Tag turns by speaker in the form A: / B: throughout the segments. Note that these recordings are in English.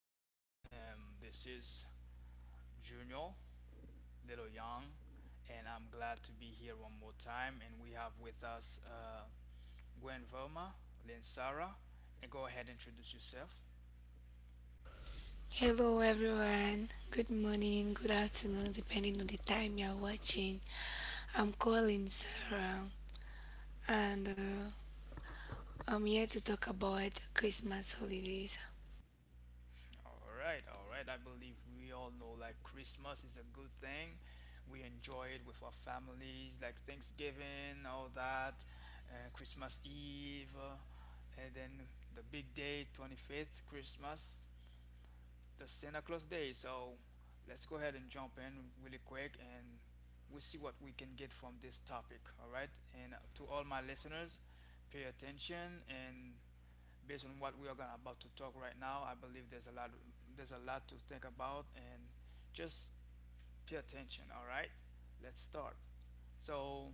A: everyone. This is Junior Little Young, and I'm glad to be here one more time. And we have with us Gwen Verma, Lynn Sarah, and go ahead and introduce yourself.
B: Hello everyone, good morning, good afternoon, depending on the time you're watching. I'm calling Sarah and I'm here to talk about Christmas holidays.
A: All right, all right. I believe we all know like Christmas is a good thing. We enjoy it with our families, like Thanksgiving, all that, Christmas Eve, and then the big day, 25th, Christmas, the Santa Claus Day. So let's go ahead and jump in really quick and we'll see what we can get from this topic. All right. And to all my listeners, pay attention, and based on what we are gonna about to talk right now, I believe there's a lot, there's a lot to think about, and just pay attention. All right. Let's start. So,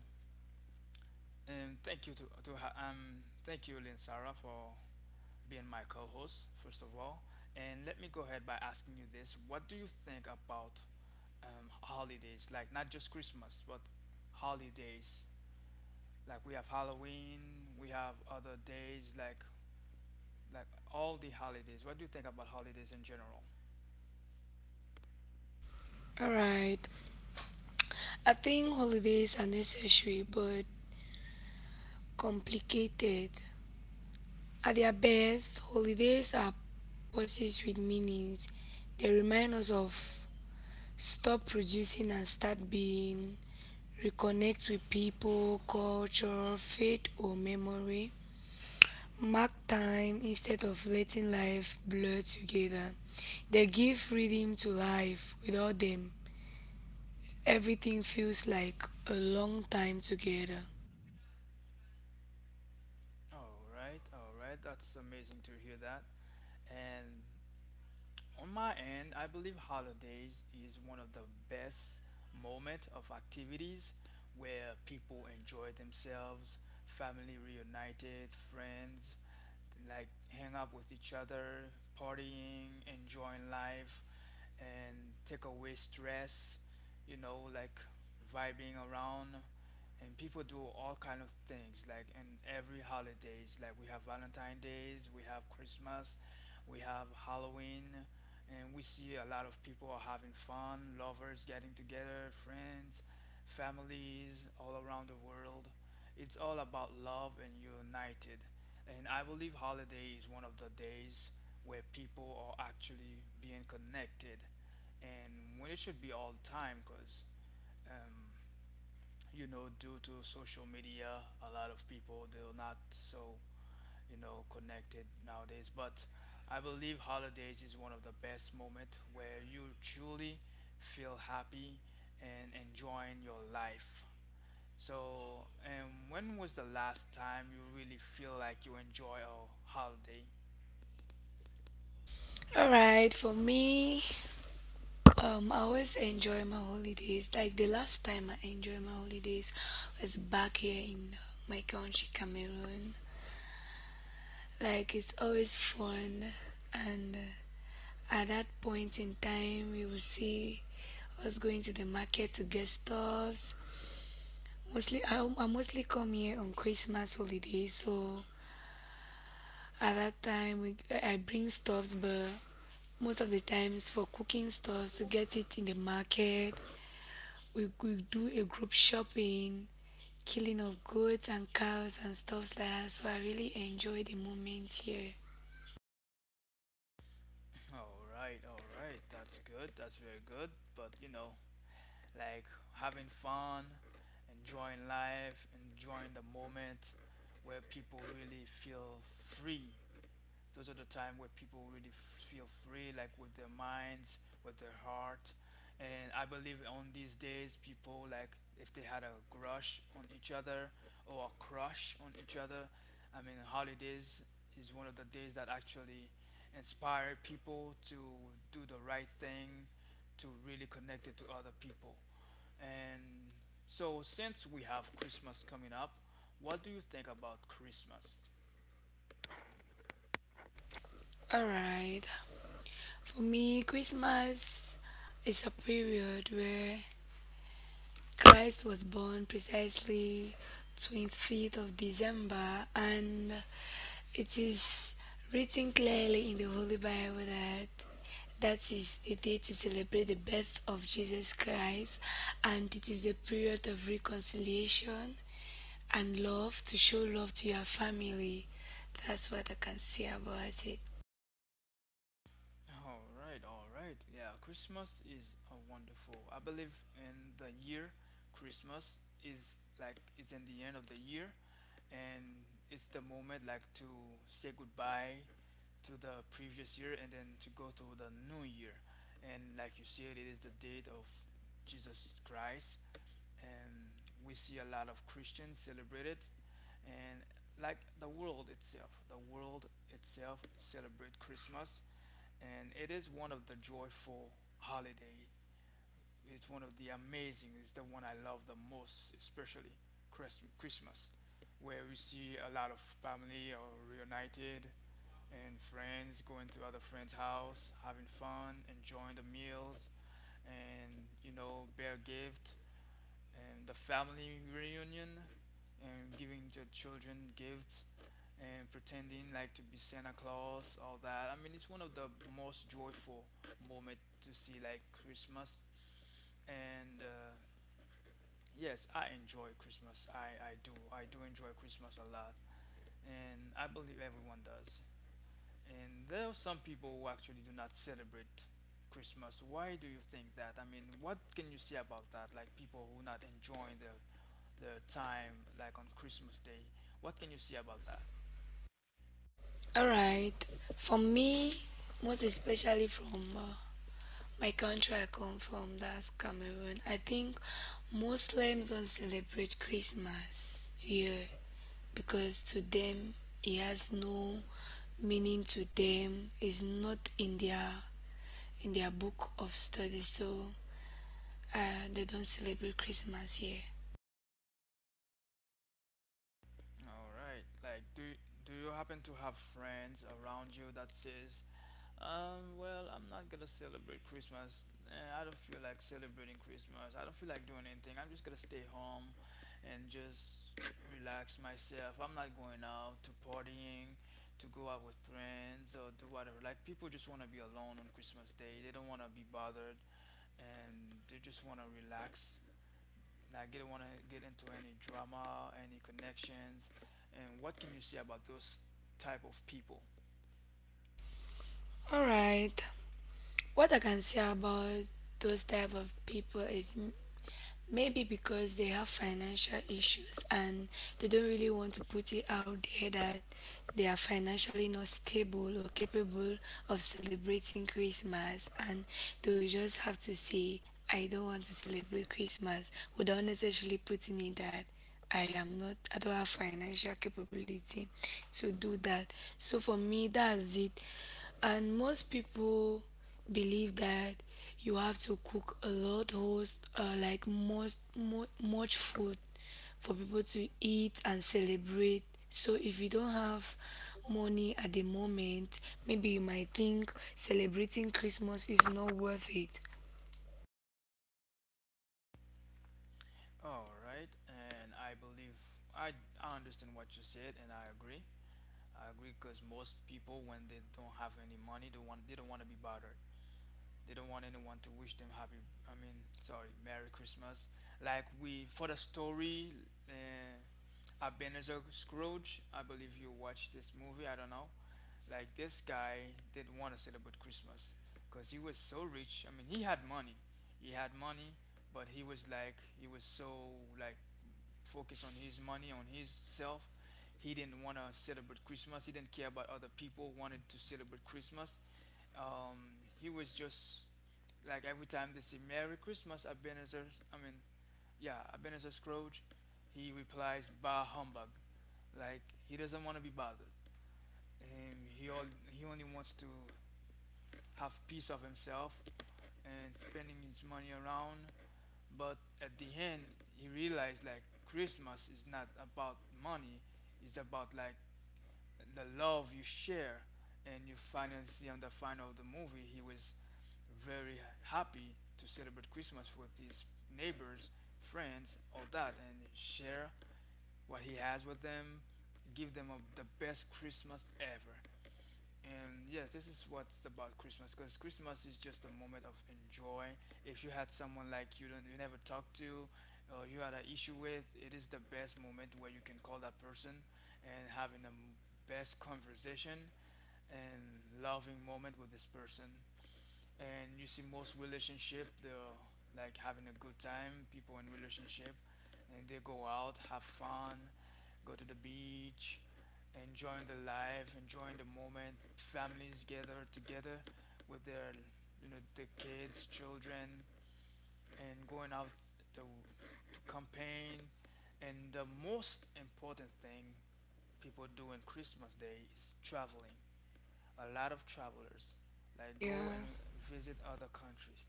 A: and thank you to thank you Lynn Sarah for being my co-host, first of all, and let me go ahead by asking you this: what do you think about holidays, like not just Christmas, but holidays. Like we have Halloween, we have other days, like all the holidays. What do you think about holidays in general?
B: Alright, I think holidays are necessary but complicated. At their best, holidays are pursuits with meanings. They remind us of stop producing and start being, reconnect with people, culture, faith, or memory mark time instead of letting life blur together. They give rhythm to life. Without them, everything feels like a long time together.
A: All right, that's amazing to hear that. And on my end, I believe holidays is one of the best moment of activities where people enjoy themselves, family reunited, friends like hang up with each other, partying, enjoying life, and take away stress, you know, like vibing around. And people do all kind of things like in every holidays. Like we have Valentine's days, we have Christmas, we have Halloween, and we see a lot of people are having fun, lovers getting together, friends, families all around the world. It's all about love and united, and I believe holiday is one of the days where people are actually being connected, and when it should be all the time because, um, you know, due to social media, a lot of people they're not so, you know, connected nowadays. But I believe holidays is one of the best moment where you truly feel happy and enjoying your life. So, and when was the last time you really feel like you enjoy a holiday?
B: Alright, for me, I always enjoy my holidays. Like the last time I enjoyed my holidays was back here in my country, Cameroon. Like it's always fun, and at that point in time, we will see us going to the market to get stuffs. Mostly, I mostly come here on Christmas holiday, so at that time I bring stuffs, but most of the times for cooking stuffs to get it in the market, we do a group shopping, killing of goats and cows and stuffs like that. So I really enjoy the moment here.
A: All right, all right, that's good, that's very good. But you know, like, having fun, enjoying life, enjoying the moment where people really feel free, those are the time where people really feel free, like with their minds, with their heart. And I believe on these days, people, like if they had a crush on each other, or a crush on each other. I mean, holidays is one of the days that actually inspire people to do the right thing, to really connect it to other people. And so, since we have Christmas coming up, what do you think about Christmas?
B: All right, for me, Christmas is a period where Christ was born precisely 25th of December, and it is written clearly in the Holy Bible that that is the day to celebrate the birth of Jesus Christ, and it is the period of reconciliation and love to show love to your family. That's what I can say about it.
A: All right, all right. Yeah, Christmas is a wonderful. I believe in the year, Christmas is like it's in the end of the year, and it's the moment like to say goodbye to the previous year and then to go to the new year. And like you said, it is the date of Jesus Christ, and we see a lot of Christians celebrate it, and like the world itself celebrate Christmas, and it is one of the joyful holiday. It's one of the amazing. It's the one I love the most, especially Christmas, where we see a lot of family are reunited, and friends going to other friends' house, having fun, enjoying the meals, and you know, bear gift, and the family reunion, and giving the children gifts, and pretending like to be Santa Claus, all that. I mean, it's one of the most joyful moment to see like Christmas. And yes, I enjoy Christmas. I do. I do enjoy Christmas a lot. And I believe everyone does. And there are some people who actually do not celebrate Christmas. Why do you think that? I mean, what can you say about that? Like people who not enjoying their the time like on Christmas Day. What can you say about that?
B: All right. For me, most especially from my country, I come from, that's Cameroon. I think Muslims don't celebrate Christmas here because to them it has no meaning to them. It's not in their in their book of study, so they don't celebrate Christmas here.
A: All right. Like, do do you happen to have friends around you that says, well, I'm not gonna celebrate Christmas. Eh, I don't feel like celebrating Christmas. I don't feel like doing anything. I'm just gonna stay home and just relax myself. I'm not going out to partying, to go out with friends or do whatever. Like people just want to be alone on Christmas Day. They don't want to be bothered, and they just want to relax. Like they don't want to get into any drama, any connections. And what can you say about those type of people?
B: All right. What I can say about those type of people is maybe because they have financial issues and they don't really want to put it out there that they are financially not stable or capable of celebrating Christmas, and they will just have to say, I don't want to celebrate Christmas without necessarily putting in that I am not, I don't have financial capability to do that. So for me, that's it. And most people believe that you have to cook a lot, host like much food for people to eat and celebrate. So if you don't have money at the moment, maybe you might think celebrating Christmas is not worth it.
A: All right, and I believe I, I understand what you said, and I agree. I agree because most people, when they don't have any money, they want they don't want to be bothered. They don't want anyone to wish them happy. I mean, sorry, Merry Christmas. Like we for the story, uh, Ebenezer Scrooge. I believe you watched this movie. I don't know. Like this guy didn't want to celebrate Christmas because he was so rich. I mean, he had money. He had money, but he was like he was so, like, focused on his money, on his self. He didn't want to celebrate Christmas. He didn't care about other people wanted to celebrate Christmas. Um, he was just like every time they say Merry Christmas, Ebenezer. I mean, yeah, Ebenezer Scrooge. He replies, "Bah humbug." Like he doesn't want to be bothered. Um, he all, he only wants to have peace of himself and spending his money around. But at the end, he realized like Christmas is not about money; it's about, like, the love you share. And you finally see on the final of the movie, he was very happy to celebrate Christmas with his neighbors, friends, all that, and share what he has with them, give them a, the best Christmas ever. And yes, this is what's about Christmas, because Christmas is just a moment of enjoy. If you had someone like you don't you never talked to, or you had an issue with, it is the best moment where you can call that person and having the best conversation and loving moment with this person. And you see most relationship they're like having a good time, people in relationship, and they go out, have fun, go to the beach, enjoying the life, enjoying the moment, families gather together with their, you know, the kids, children, and going out to, to campaign. And the most important thing people do in Christmas day is traveling. A lot of travelers like go
B: Yeah.
A: and visit other countries.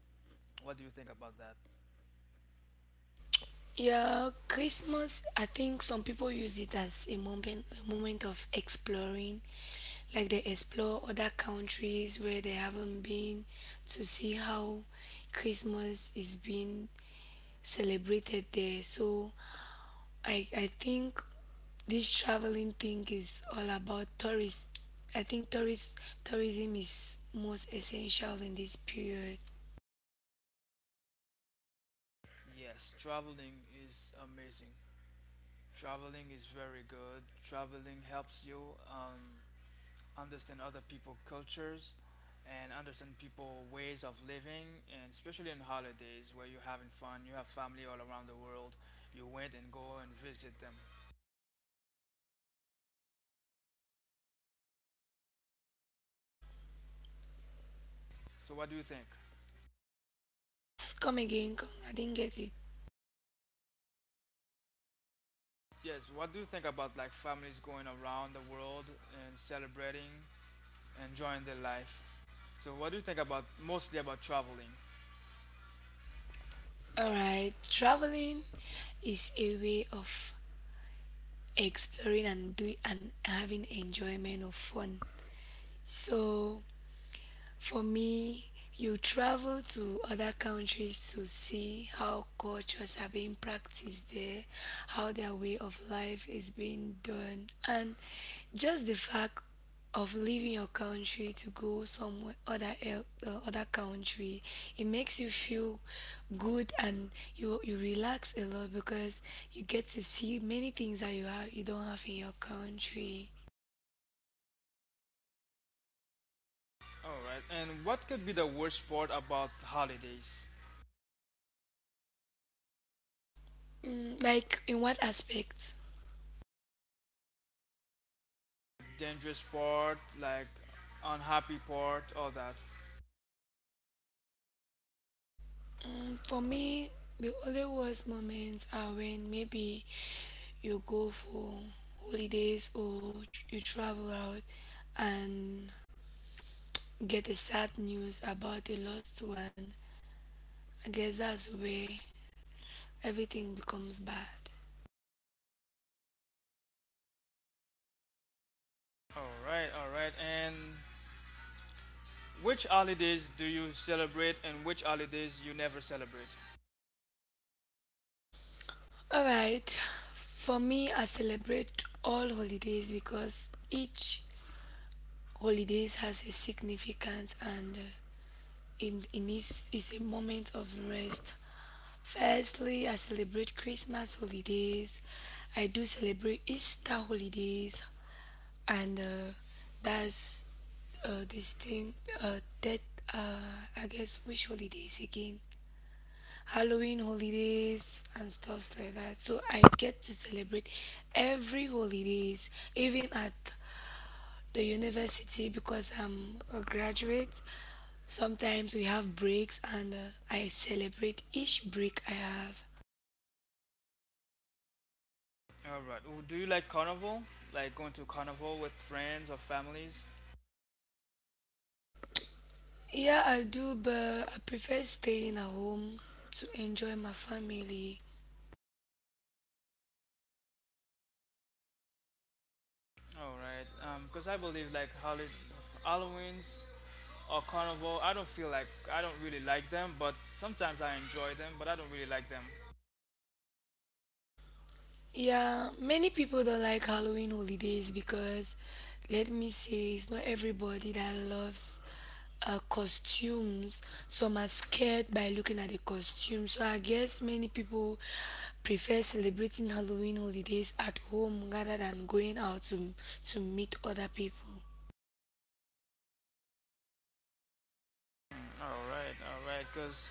A: What do you think about that?
B: Yeah, Christmas. I think some people use it as a moment of exploring, like they explore other countries where they haven't been to see how Christmas is being celebrated there. So, I think this traveling thing is all about tourists. I think tourist tourism is most essential in this period.
A: Yes, traveling is amazing. Traveling is very good. Traveling helps you understand other people' cultures, and understand people ways of living, and especially in holidays where you're having fun, you have family all around the world, you went and go and visit them. So what do you think?
B: Please come again. Come, I didn't get you.
A: Yes, what do you think about like families going around the world and celebrating, enjoying their life? So what do you think about mostly about traveling?
B: Alright, traveling is a way of exploring and doing and having enjoyment of fun. So for me, you travel to other countries to see how cultures are being practiced there, how their way of life is being done, and just the fact of leaving your country to go somewhere other country, it makes you feel good and you relax a lot because you get to see many things that you don't have in your country.
A: All right. And what could be the worst part about holidays?
B: Mm, like in what aspect?
A: Dangerous part, like unhappy part, all that.
B: Mm, for me, the only worst moments are when maybe you go for holidays or you travel out and get a sad news about a lost one. I guess that's where everything becomes bad.
A: All right. All right. And which holidays do you celebrate, and which holidays you never celebrate?
B: Alright, for me, I celebrate all holidays because each holidays has a significance, and it needs is a moment of rest. Firstly, I celebrate Christmas holidays. I do celebrate Easter holidays, and that's this thing that uh, I guess which holidays again? Halloween holidays and stuffs like that. So I get to celebrate every holidays, even at the university because I'm a graduate. Sometimes we have breaks, and I celebrate each break I have.
A: All right. Well, do you like carnival? Like going to carnival with friends or families?
B: Yeah, I do, but I prefer staying at home to enjoy my family.
A: All right. Because I believe like holiday, Halloween's or carnival, I don't feel like I don't really like them, but sometimes I enjoy them, but I don't really like them.
B: Yeah, many people don't like Halloween holidays because, let me say, it's not everybody that loves costumes. Some are scared by looking at the costume. So I guess many people prefer celebrating Halloween holidays at home rather than going out to meet other people.
A: All right, all right. Cause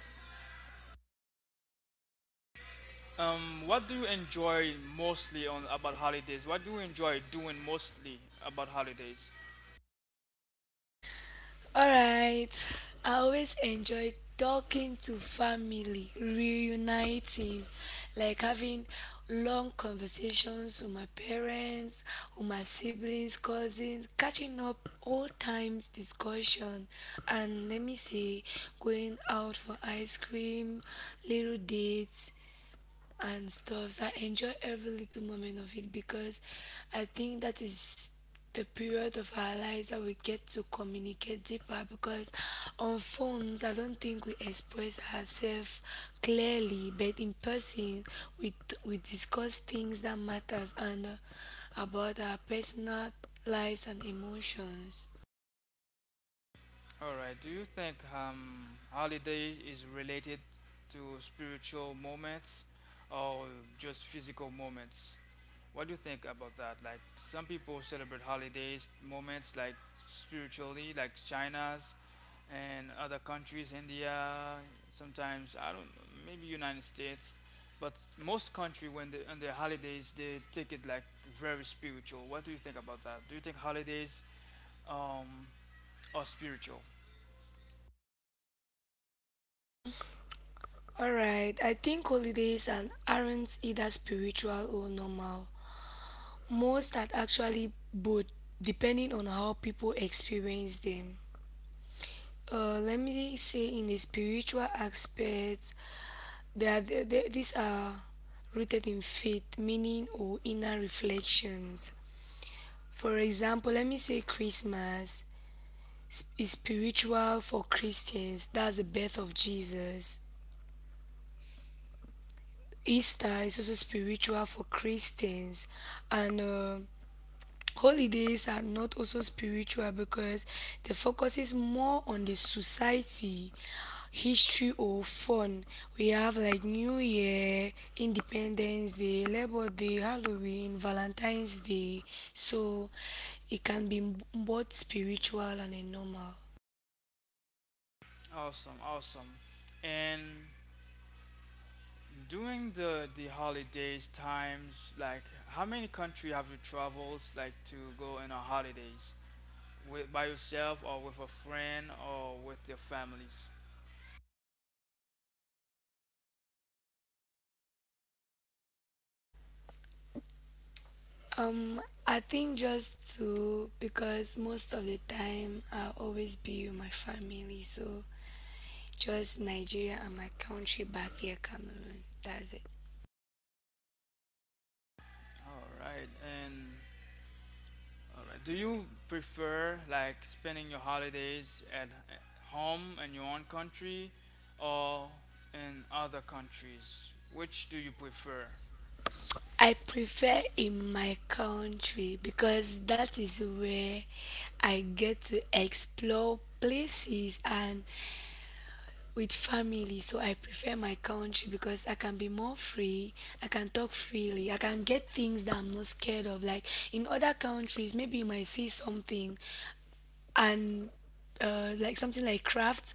A: what do you enjoy mostly on about holidays? What do you enjoy doing mostly about holidays?
B: Alright, I always enjoy talking to family, reuniting, like having long conversations with my parents, with my siblings, cousins, catching up old times discussion, and let me say, going out for ice cream, little dates, and stuffs. I enjoy every little moment of it because I think that is the period of our lives that we get to communicate deeper because on phones I don't think we express ourselves clearly, but in person we we discuss things that matters, and about our personal lives and emotions.
A: All right. Do you think, holidays is related to spiritual moments, or just physical moments? What do you think about that? Like some people celebrate holidays, moments like spiritually, like China's and other countries, India, sometimes I don't know, maybe United States, but most country when they on their holidays they take it like very spiritual. What do you think about that? Do you think holidays um are spiritual?
B: Alright, I think holidays and aren't either spiritual or normal. Most are actually both, depending on how people experience them. Let me say, in the spiritual aspect, they are, they- these are rooted in faith, meaning, or inner reflections. For example, let me say Christmas is spiritual for Christians, that's the birth of Jesus. Easter is also spiritual for Christians, and holidays are not also spiritual because the focus is more on the society, history, or fun. We have like New Year, Independence Day, Labor Day, Halloween, Valentine's Day. So it can be both spiritual and a normal.
A: Awesome, awesome. And during the holidays times, like how many country have you traveled like to go in a holidays? With by yourself or with a friend or with your families?
B: Um, I think just to because most of the time I always be with my family. So just Nigeria and my country back here, Cameroon. That's it.
A: All right. And all right. Do you prefer like spending your holidays at home in your own country, or in other countries? Which do you prefer?
B: I prefer in my country because that is where I get to explore places and with family. So I prefer my country because I can be more free, I can talk freely, I can get things that I'm not scared of. Like in other countries, maybe you might see something and like something like crafts.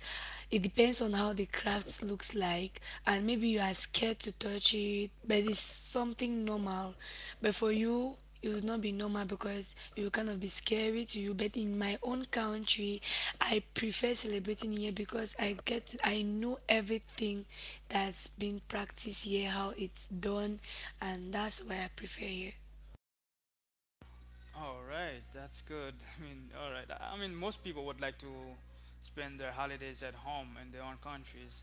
B: It depends on how the crafts looks like, and maybe you are scared to touch it but it's something normal, but for you it would not be normal because it will kind of be scary to you. But in my own country, I prefer celebrating here because I get to I know everything that's been practiced here, how it's done, and that's why I prefer here.
A: All right, that's good. I mean, all right. I mean, most people would like to spend their holidays at home in their own countries.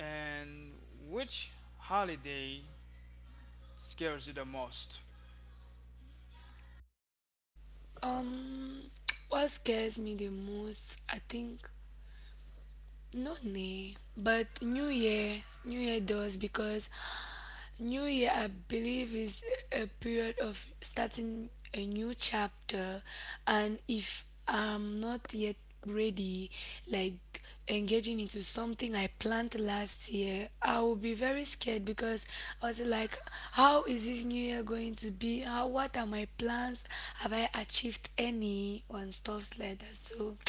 A: And which holiday scares you the most?
B: um what scares me the most, I think, not me, but New Year, New Year does, because New Year, I believe, is a period of starting a new chapter. And if I'm not yet ready, like engaging into something I planned last year, I will be very scared because I was like, how is this new year going to be? How, what are my plans? Have I achieved any? And stuffs like that. So,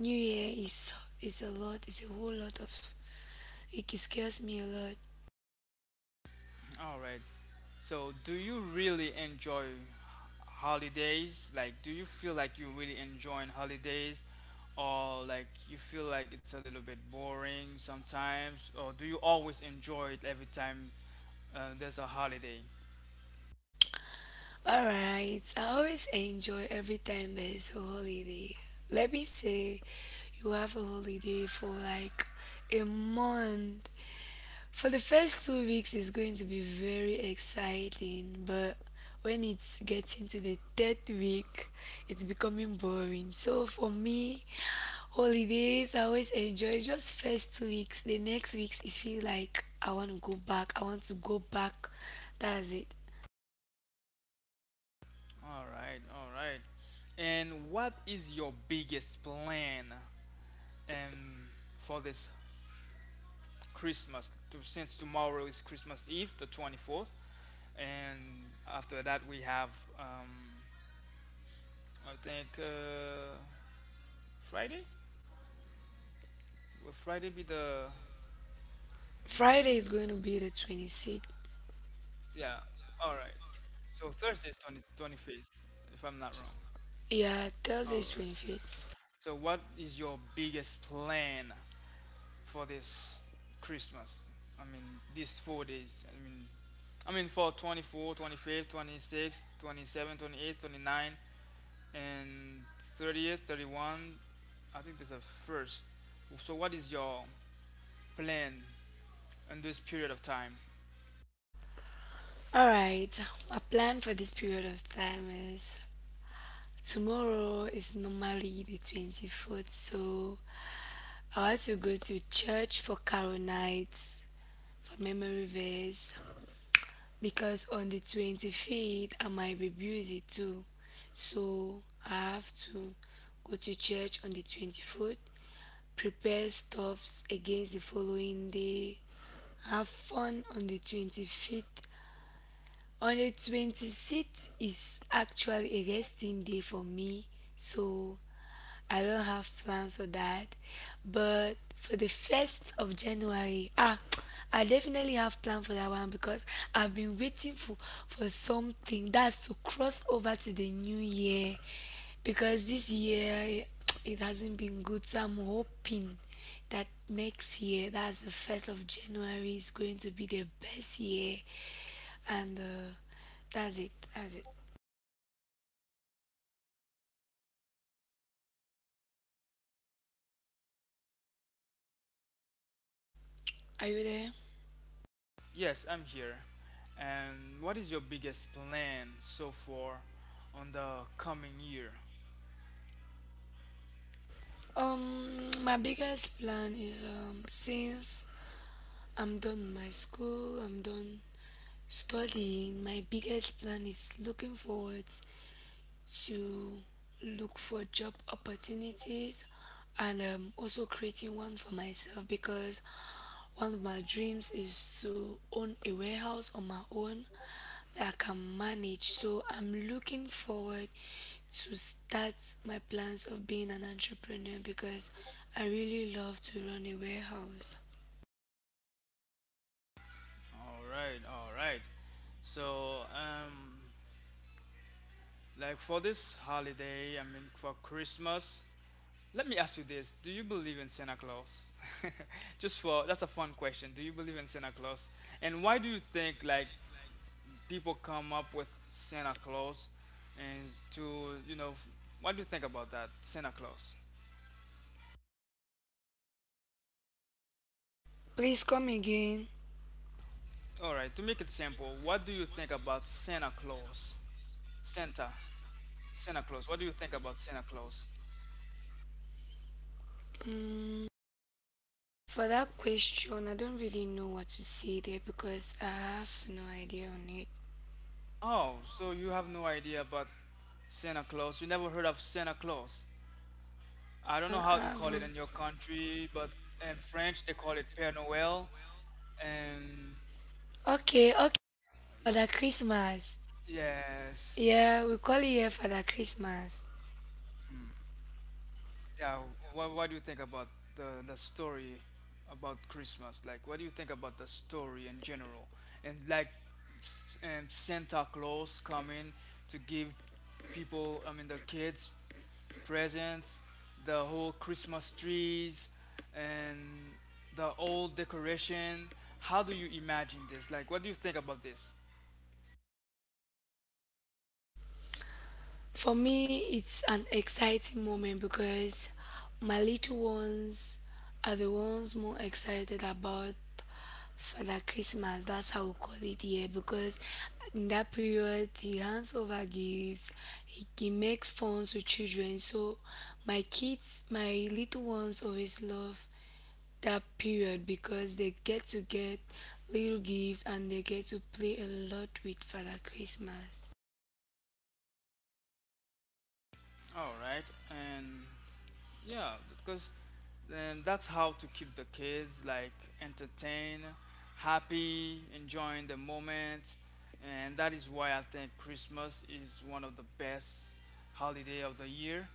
B: New Year is a lot. It's a whole lot of. It scares me a lot.
A: All right. So, do you really enjoy holidays? Like, do you feel like you really enjoying holidays? Or, like, you feel like it's a little bit boring sometimes? Or do you always enjoy it every time there's a holiday?
B: All right. I always enjoy every time there is a holiday. Let me say, you have a holiday for like a month. For the first 2 weeks, it's going to be very exciting, but when it's getting to the 3rd week, it's becoming boring. So for me, holidays, I always enjoy just first 2 weeks. The next weeks, it feels like I want to go back. I want to go back. That's it.
A: All right, all right. And what is your biggest plan um, for this Christmas? Since tomorrow is Christmas Eve, the 24th, and after that we have, um, I think, Friday? Will Friday be the.
B: Friday is
A: Mm,
B: going to be the 26th.
A: yeah, all right. So Thursday is 25th, if I'm not wrong.
B: Yeah, Thursday
A: All
B: is
A: right.
B: 25th.
A: So, what is your biggest plan for this Christmas? I mean, these 4 days. I mean, for 24, 25, 26, 27, 28, 29, and 30th, 31. I think there's a first. So, what is your plan in this period of time?
B: Alright, my plan for this period of time is tomorrow is normally the 24th, so I also go to church for Carol nights, for memory verse, because on the 25th I might be busy too. So I have to go to church on the 24th, prepare stuffs against the following day, have fun on the 25th. On the 26th is actually a resting day for me, so I don't have plans for that. But for the 1st of January, ah, I definitely have plan for that one because I've been waiting for something that's to cross over to the new year because this year it hasn't been good. So I'm hoping that next year, that's the 1st of January, is going to be the best year, and that's it. That's it. Are you there?
A: Yes, I'm here. And what is your biggest plan so far on the coming year?
B: My biggest plan is since I'm done my school, I'm done studying. My biggest plan is looking forward to look for job opportunities, and also creating one for myself because one of my dreams is to own a warehouse on my own that I can manage. So I'm looking forward to start my plans of being an entrepreneur because I really love to run a warehouse.
A: All right, all right. So, like for this holiday, I mean for Christmas, let me ask you this. Do you believe in Santa Claus? Just for that's a fun question. Do you believe in Santa Claus? And why do you think like people come up with Santa Claus and to, you know, f- what do you think about that Santa Claus?
B: Please come again.
A: All right, to make it simple, what do you think about Santa Claus? Santa, Santa Claus. What do you think about Santa Claus?
B: Mm, for that question, I don't really know what to say there because I have no idea on it.
A: Oh, so you have no idea about Santa Claus. You never heard of Santa Claus. I don't know
B: I
A: how they call it
B: haven't.
A: in your country, but in French they call it Père Noël. And
B: Okay, okay. Father Christmas.
A: yes,
B: Yeah, we call it here Father Christmas.
A: yeah, what do you think about the story about Christmas? Like, what do you think about the story in general? And like, and Santa Claus coming to give people, I mean, the kids presents, the whole Christmas trees, and the old decoration. How do you imagine this? Like, what do you think about this?
B: For me, it's an exciting moment because my little ones are the ones more excited about Father Christmas. That's how we call it here because in that period, he hands over gifts, he makes funds with children. So, my kids, my little ones always love that period because they get to get little gifts and they get to play a lot with Father Christmas.
A: All right, and yeah, because then that's how to keep the kids like entertained, happy, enjoying the moment, and that is why I think Christmas is one of the best holiday of the year.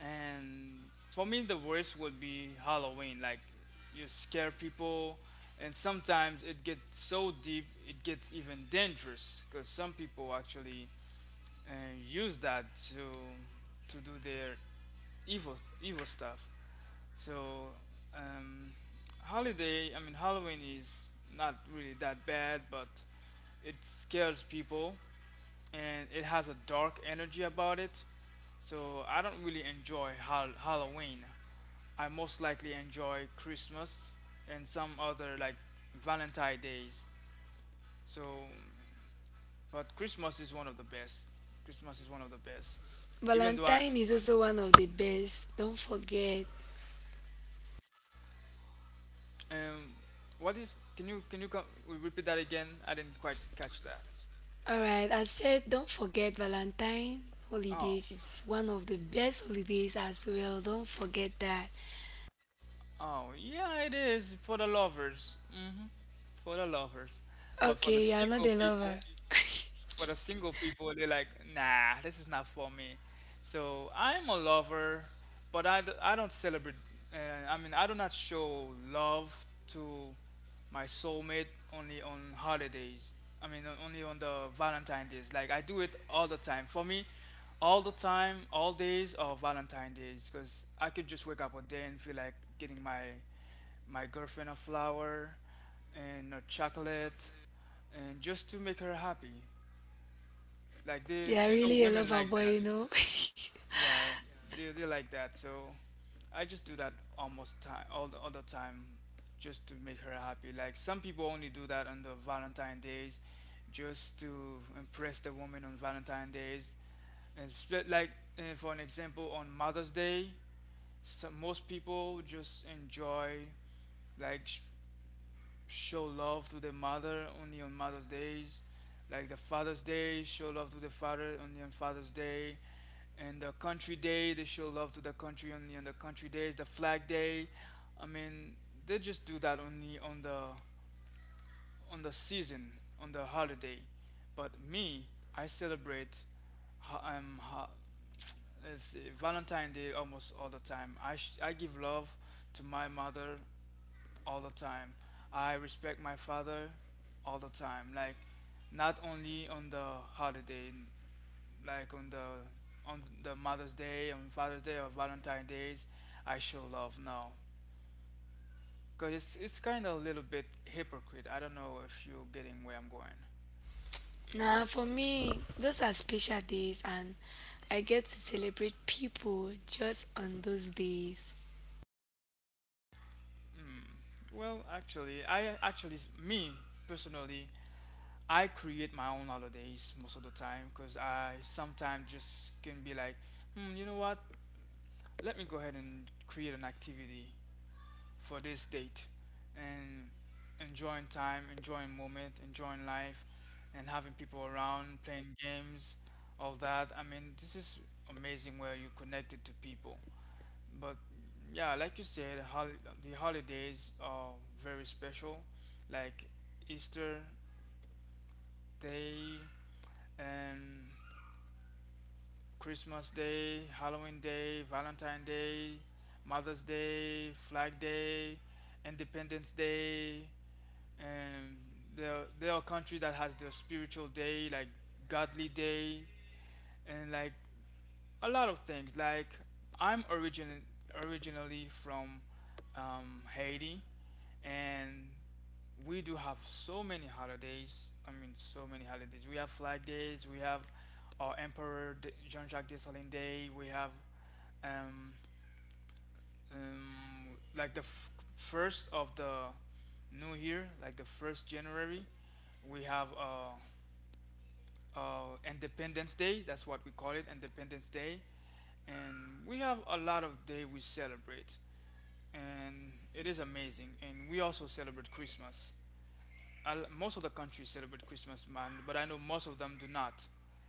A: And for me, the worst would be Halloween. Like you scare people, and sometimes it gets so deep, it gets even dangerous because some people actually uh, use that to do their evil stuff. So, um, holiday, I mean, Halloween is not really that bad, but it scares people and it has a dark energy about it. So, I don't really enjoy Halloween. I most likely enjoy Christmas and some other like Valentine days. So, but Christmas is one of the best. Christmas is one of the best. Even though I,
B: Valentine is also one of the best. Don't forget.
A: um, what is? Can you repeat that again? I didn't quite catch that.
B: All right, I said don't forget Valentine
A: Oh,
B: holidays is one of the best holidays as well. Don't forget that.
A: oh, yeah, it is for the lovers. Hmm, for the lovers. But for the
B: Okay, you're not
A: single
B: a lover.
A: people, they're like, nah, this is not for me. So I'm a lover, but I don't celebrate. Uh, I mean, I do not show love to my soulmate only on holidays. I mean, only on the Valentine days. Like I do it all the time. For me, all the time, all days are Valentine days because I could just wake up a day and feel like getting my girlfriend a flower and a chocolate and just to make her happy. Like they,
B: You're
A: you know,
B: really a
A: women
B: lover
A: like
B: boy,
A: that.
B: you know.
A: Yeah, they like that. So I just do that almost time, all the other time, just to make her happy. Like some people only do that on the Valentine days, just to impress the woman on Valentine days. And split like for an example, on Mother's Day, most people just enjoy like show love to the mother only on Mother's Days, like the Father's Day, show love to the father only on Father's Day, and the Country Day, they show love to the country only on the Country Days, the Flag Day. I mean, they just do that only on the season, on the holiday. But me, I celebrate ho- um, ho- let's see, Valentine Day almost all the time. I give love to my mother all the time. I respect my father all the time. Like not only on the holiday, like on the Mother's Day, on Father's Day, or Valentine's Days, I show love now. Cause it's kind of a little bit hypocrite. I don't know if you're getting where I'm going.
B: Nah, for me, those are special days, and I get to celebrate people just on those days.
A: Well, actually, I actually me personally, I create my own holidays most of the time because I sometimes just can be like, hmm, you know what? Let me go ahead and create an activity for this date and enjoying time, enjoying moment, enjoying life, and having people around, playing games, all that. I mean, this is amazing where you connected to people. But yeah, like you said, the holidays are very special, like Easter Day and Christmas Day, Halloween Day, Valentine Day, Mother's Day, Flag Day, Independence Day, and there are countries that has the spiritual day like godly day and like a lot of things like I'm origin originally from Haiti, and we do have so many holidays. I mean, so many holidays. We have flag days, we have our emperor Jean-Jacques Dessalines Day, we have um, like the first of the new year, like the first January, we have Independence Day. That's what we call it, Independence Day. And we have a lot of day we celebrate, and it is amazing. And we also celebrate Christmas. Most of the countries celebrate Christmas, man, but I know most of them do not.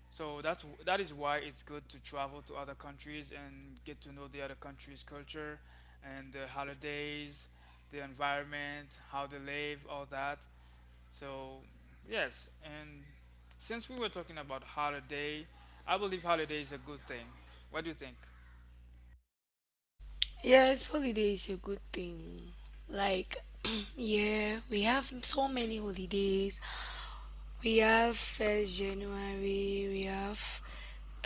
A: So that is why it's good to travel to other countries and get to know the other countries' culture and the holidays, the environment, how they live, all that. So yes, and since we were talking about holiday, I believe holiday is a good thing. What do you think?
B: Yes, holiday is a good thing. Like, yeah, we have so many holidays. We have first January, we have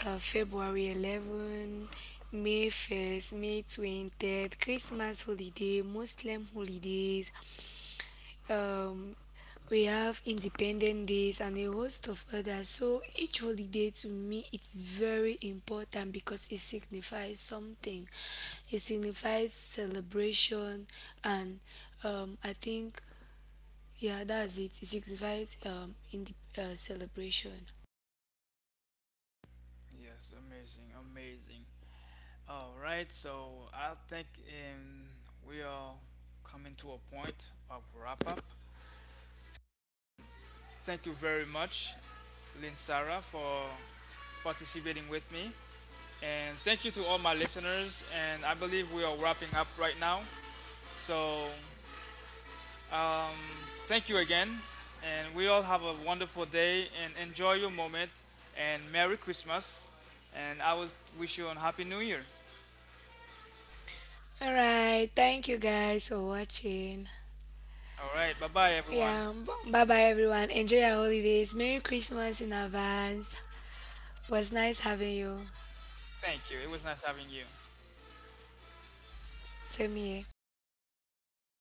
B: February 11, May 1st, May 20th, Christmas holiday, Muslim holidays. Um, we have independent days and a host of others. So each holiday to me it's very important because it signifies something. It signifies celebration and I think yeah, that's it. It signifies in the celebration.
A: Yes, amazing, amazing. All right, so I think we are coming to a point of wrap up. Thank you very much, Lynn Sarah, for participating with me. And thank you to all my listeners. And I believe we are wrapping up right now. So um, thank you again. And we all have a wonderful day and enjoy your moment. And Merry Christmas. And I will wish you a Happy New Year.
B: All right, thank you guys for watching.
A: All right, bye bye, everyone.
B: Yeah, bye bye everyone. Enjoy your holidays. Merry Christmas in advance. Was nice having you.
A: Thank you. It was nice having you.
B: Same here.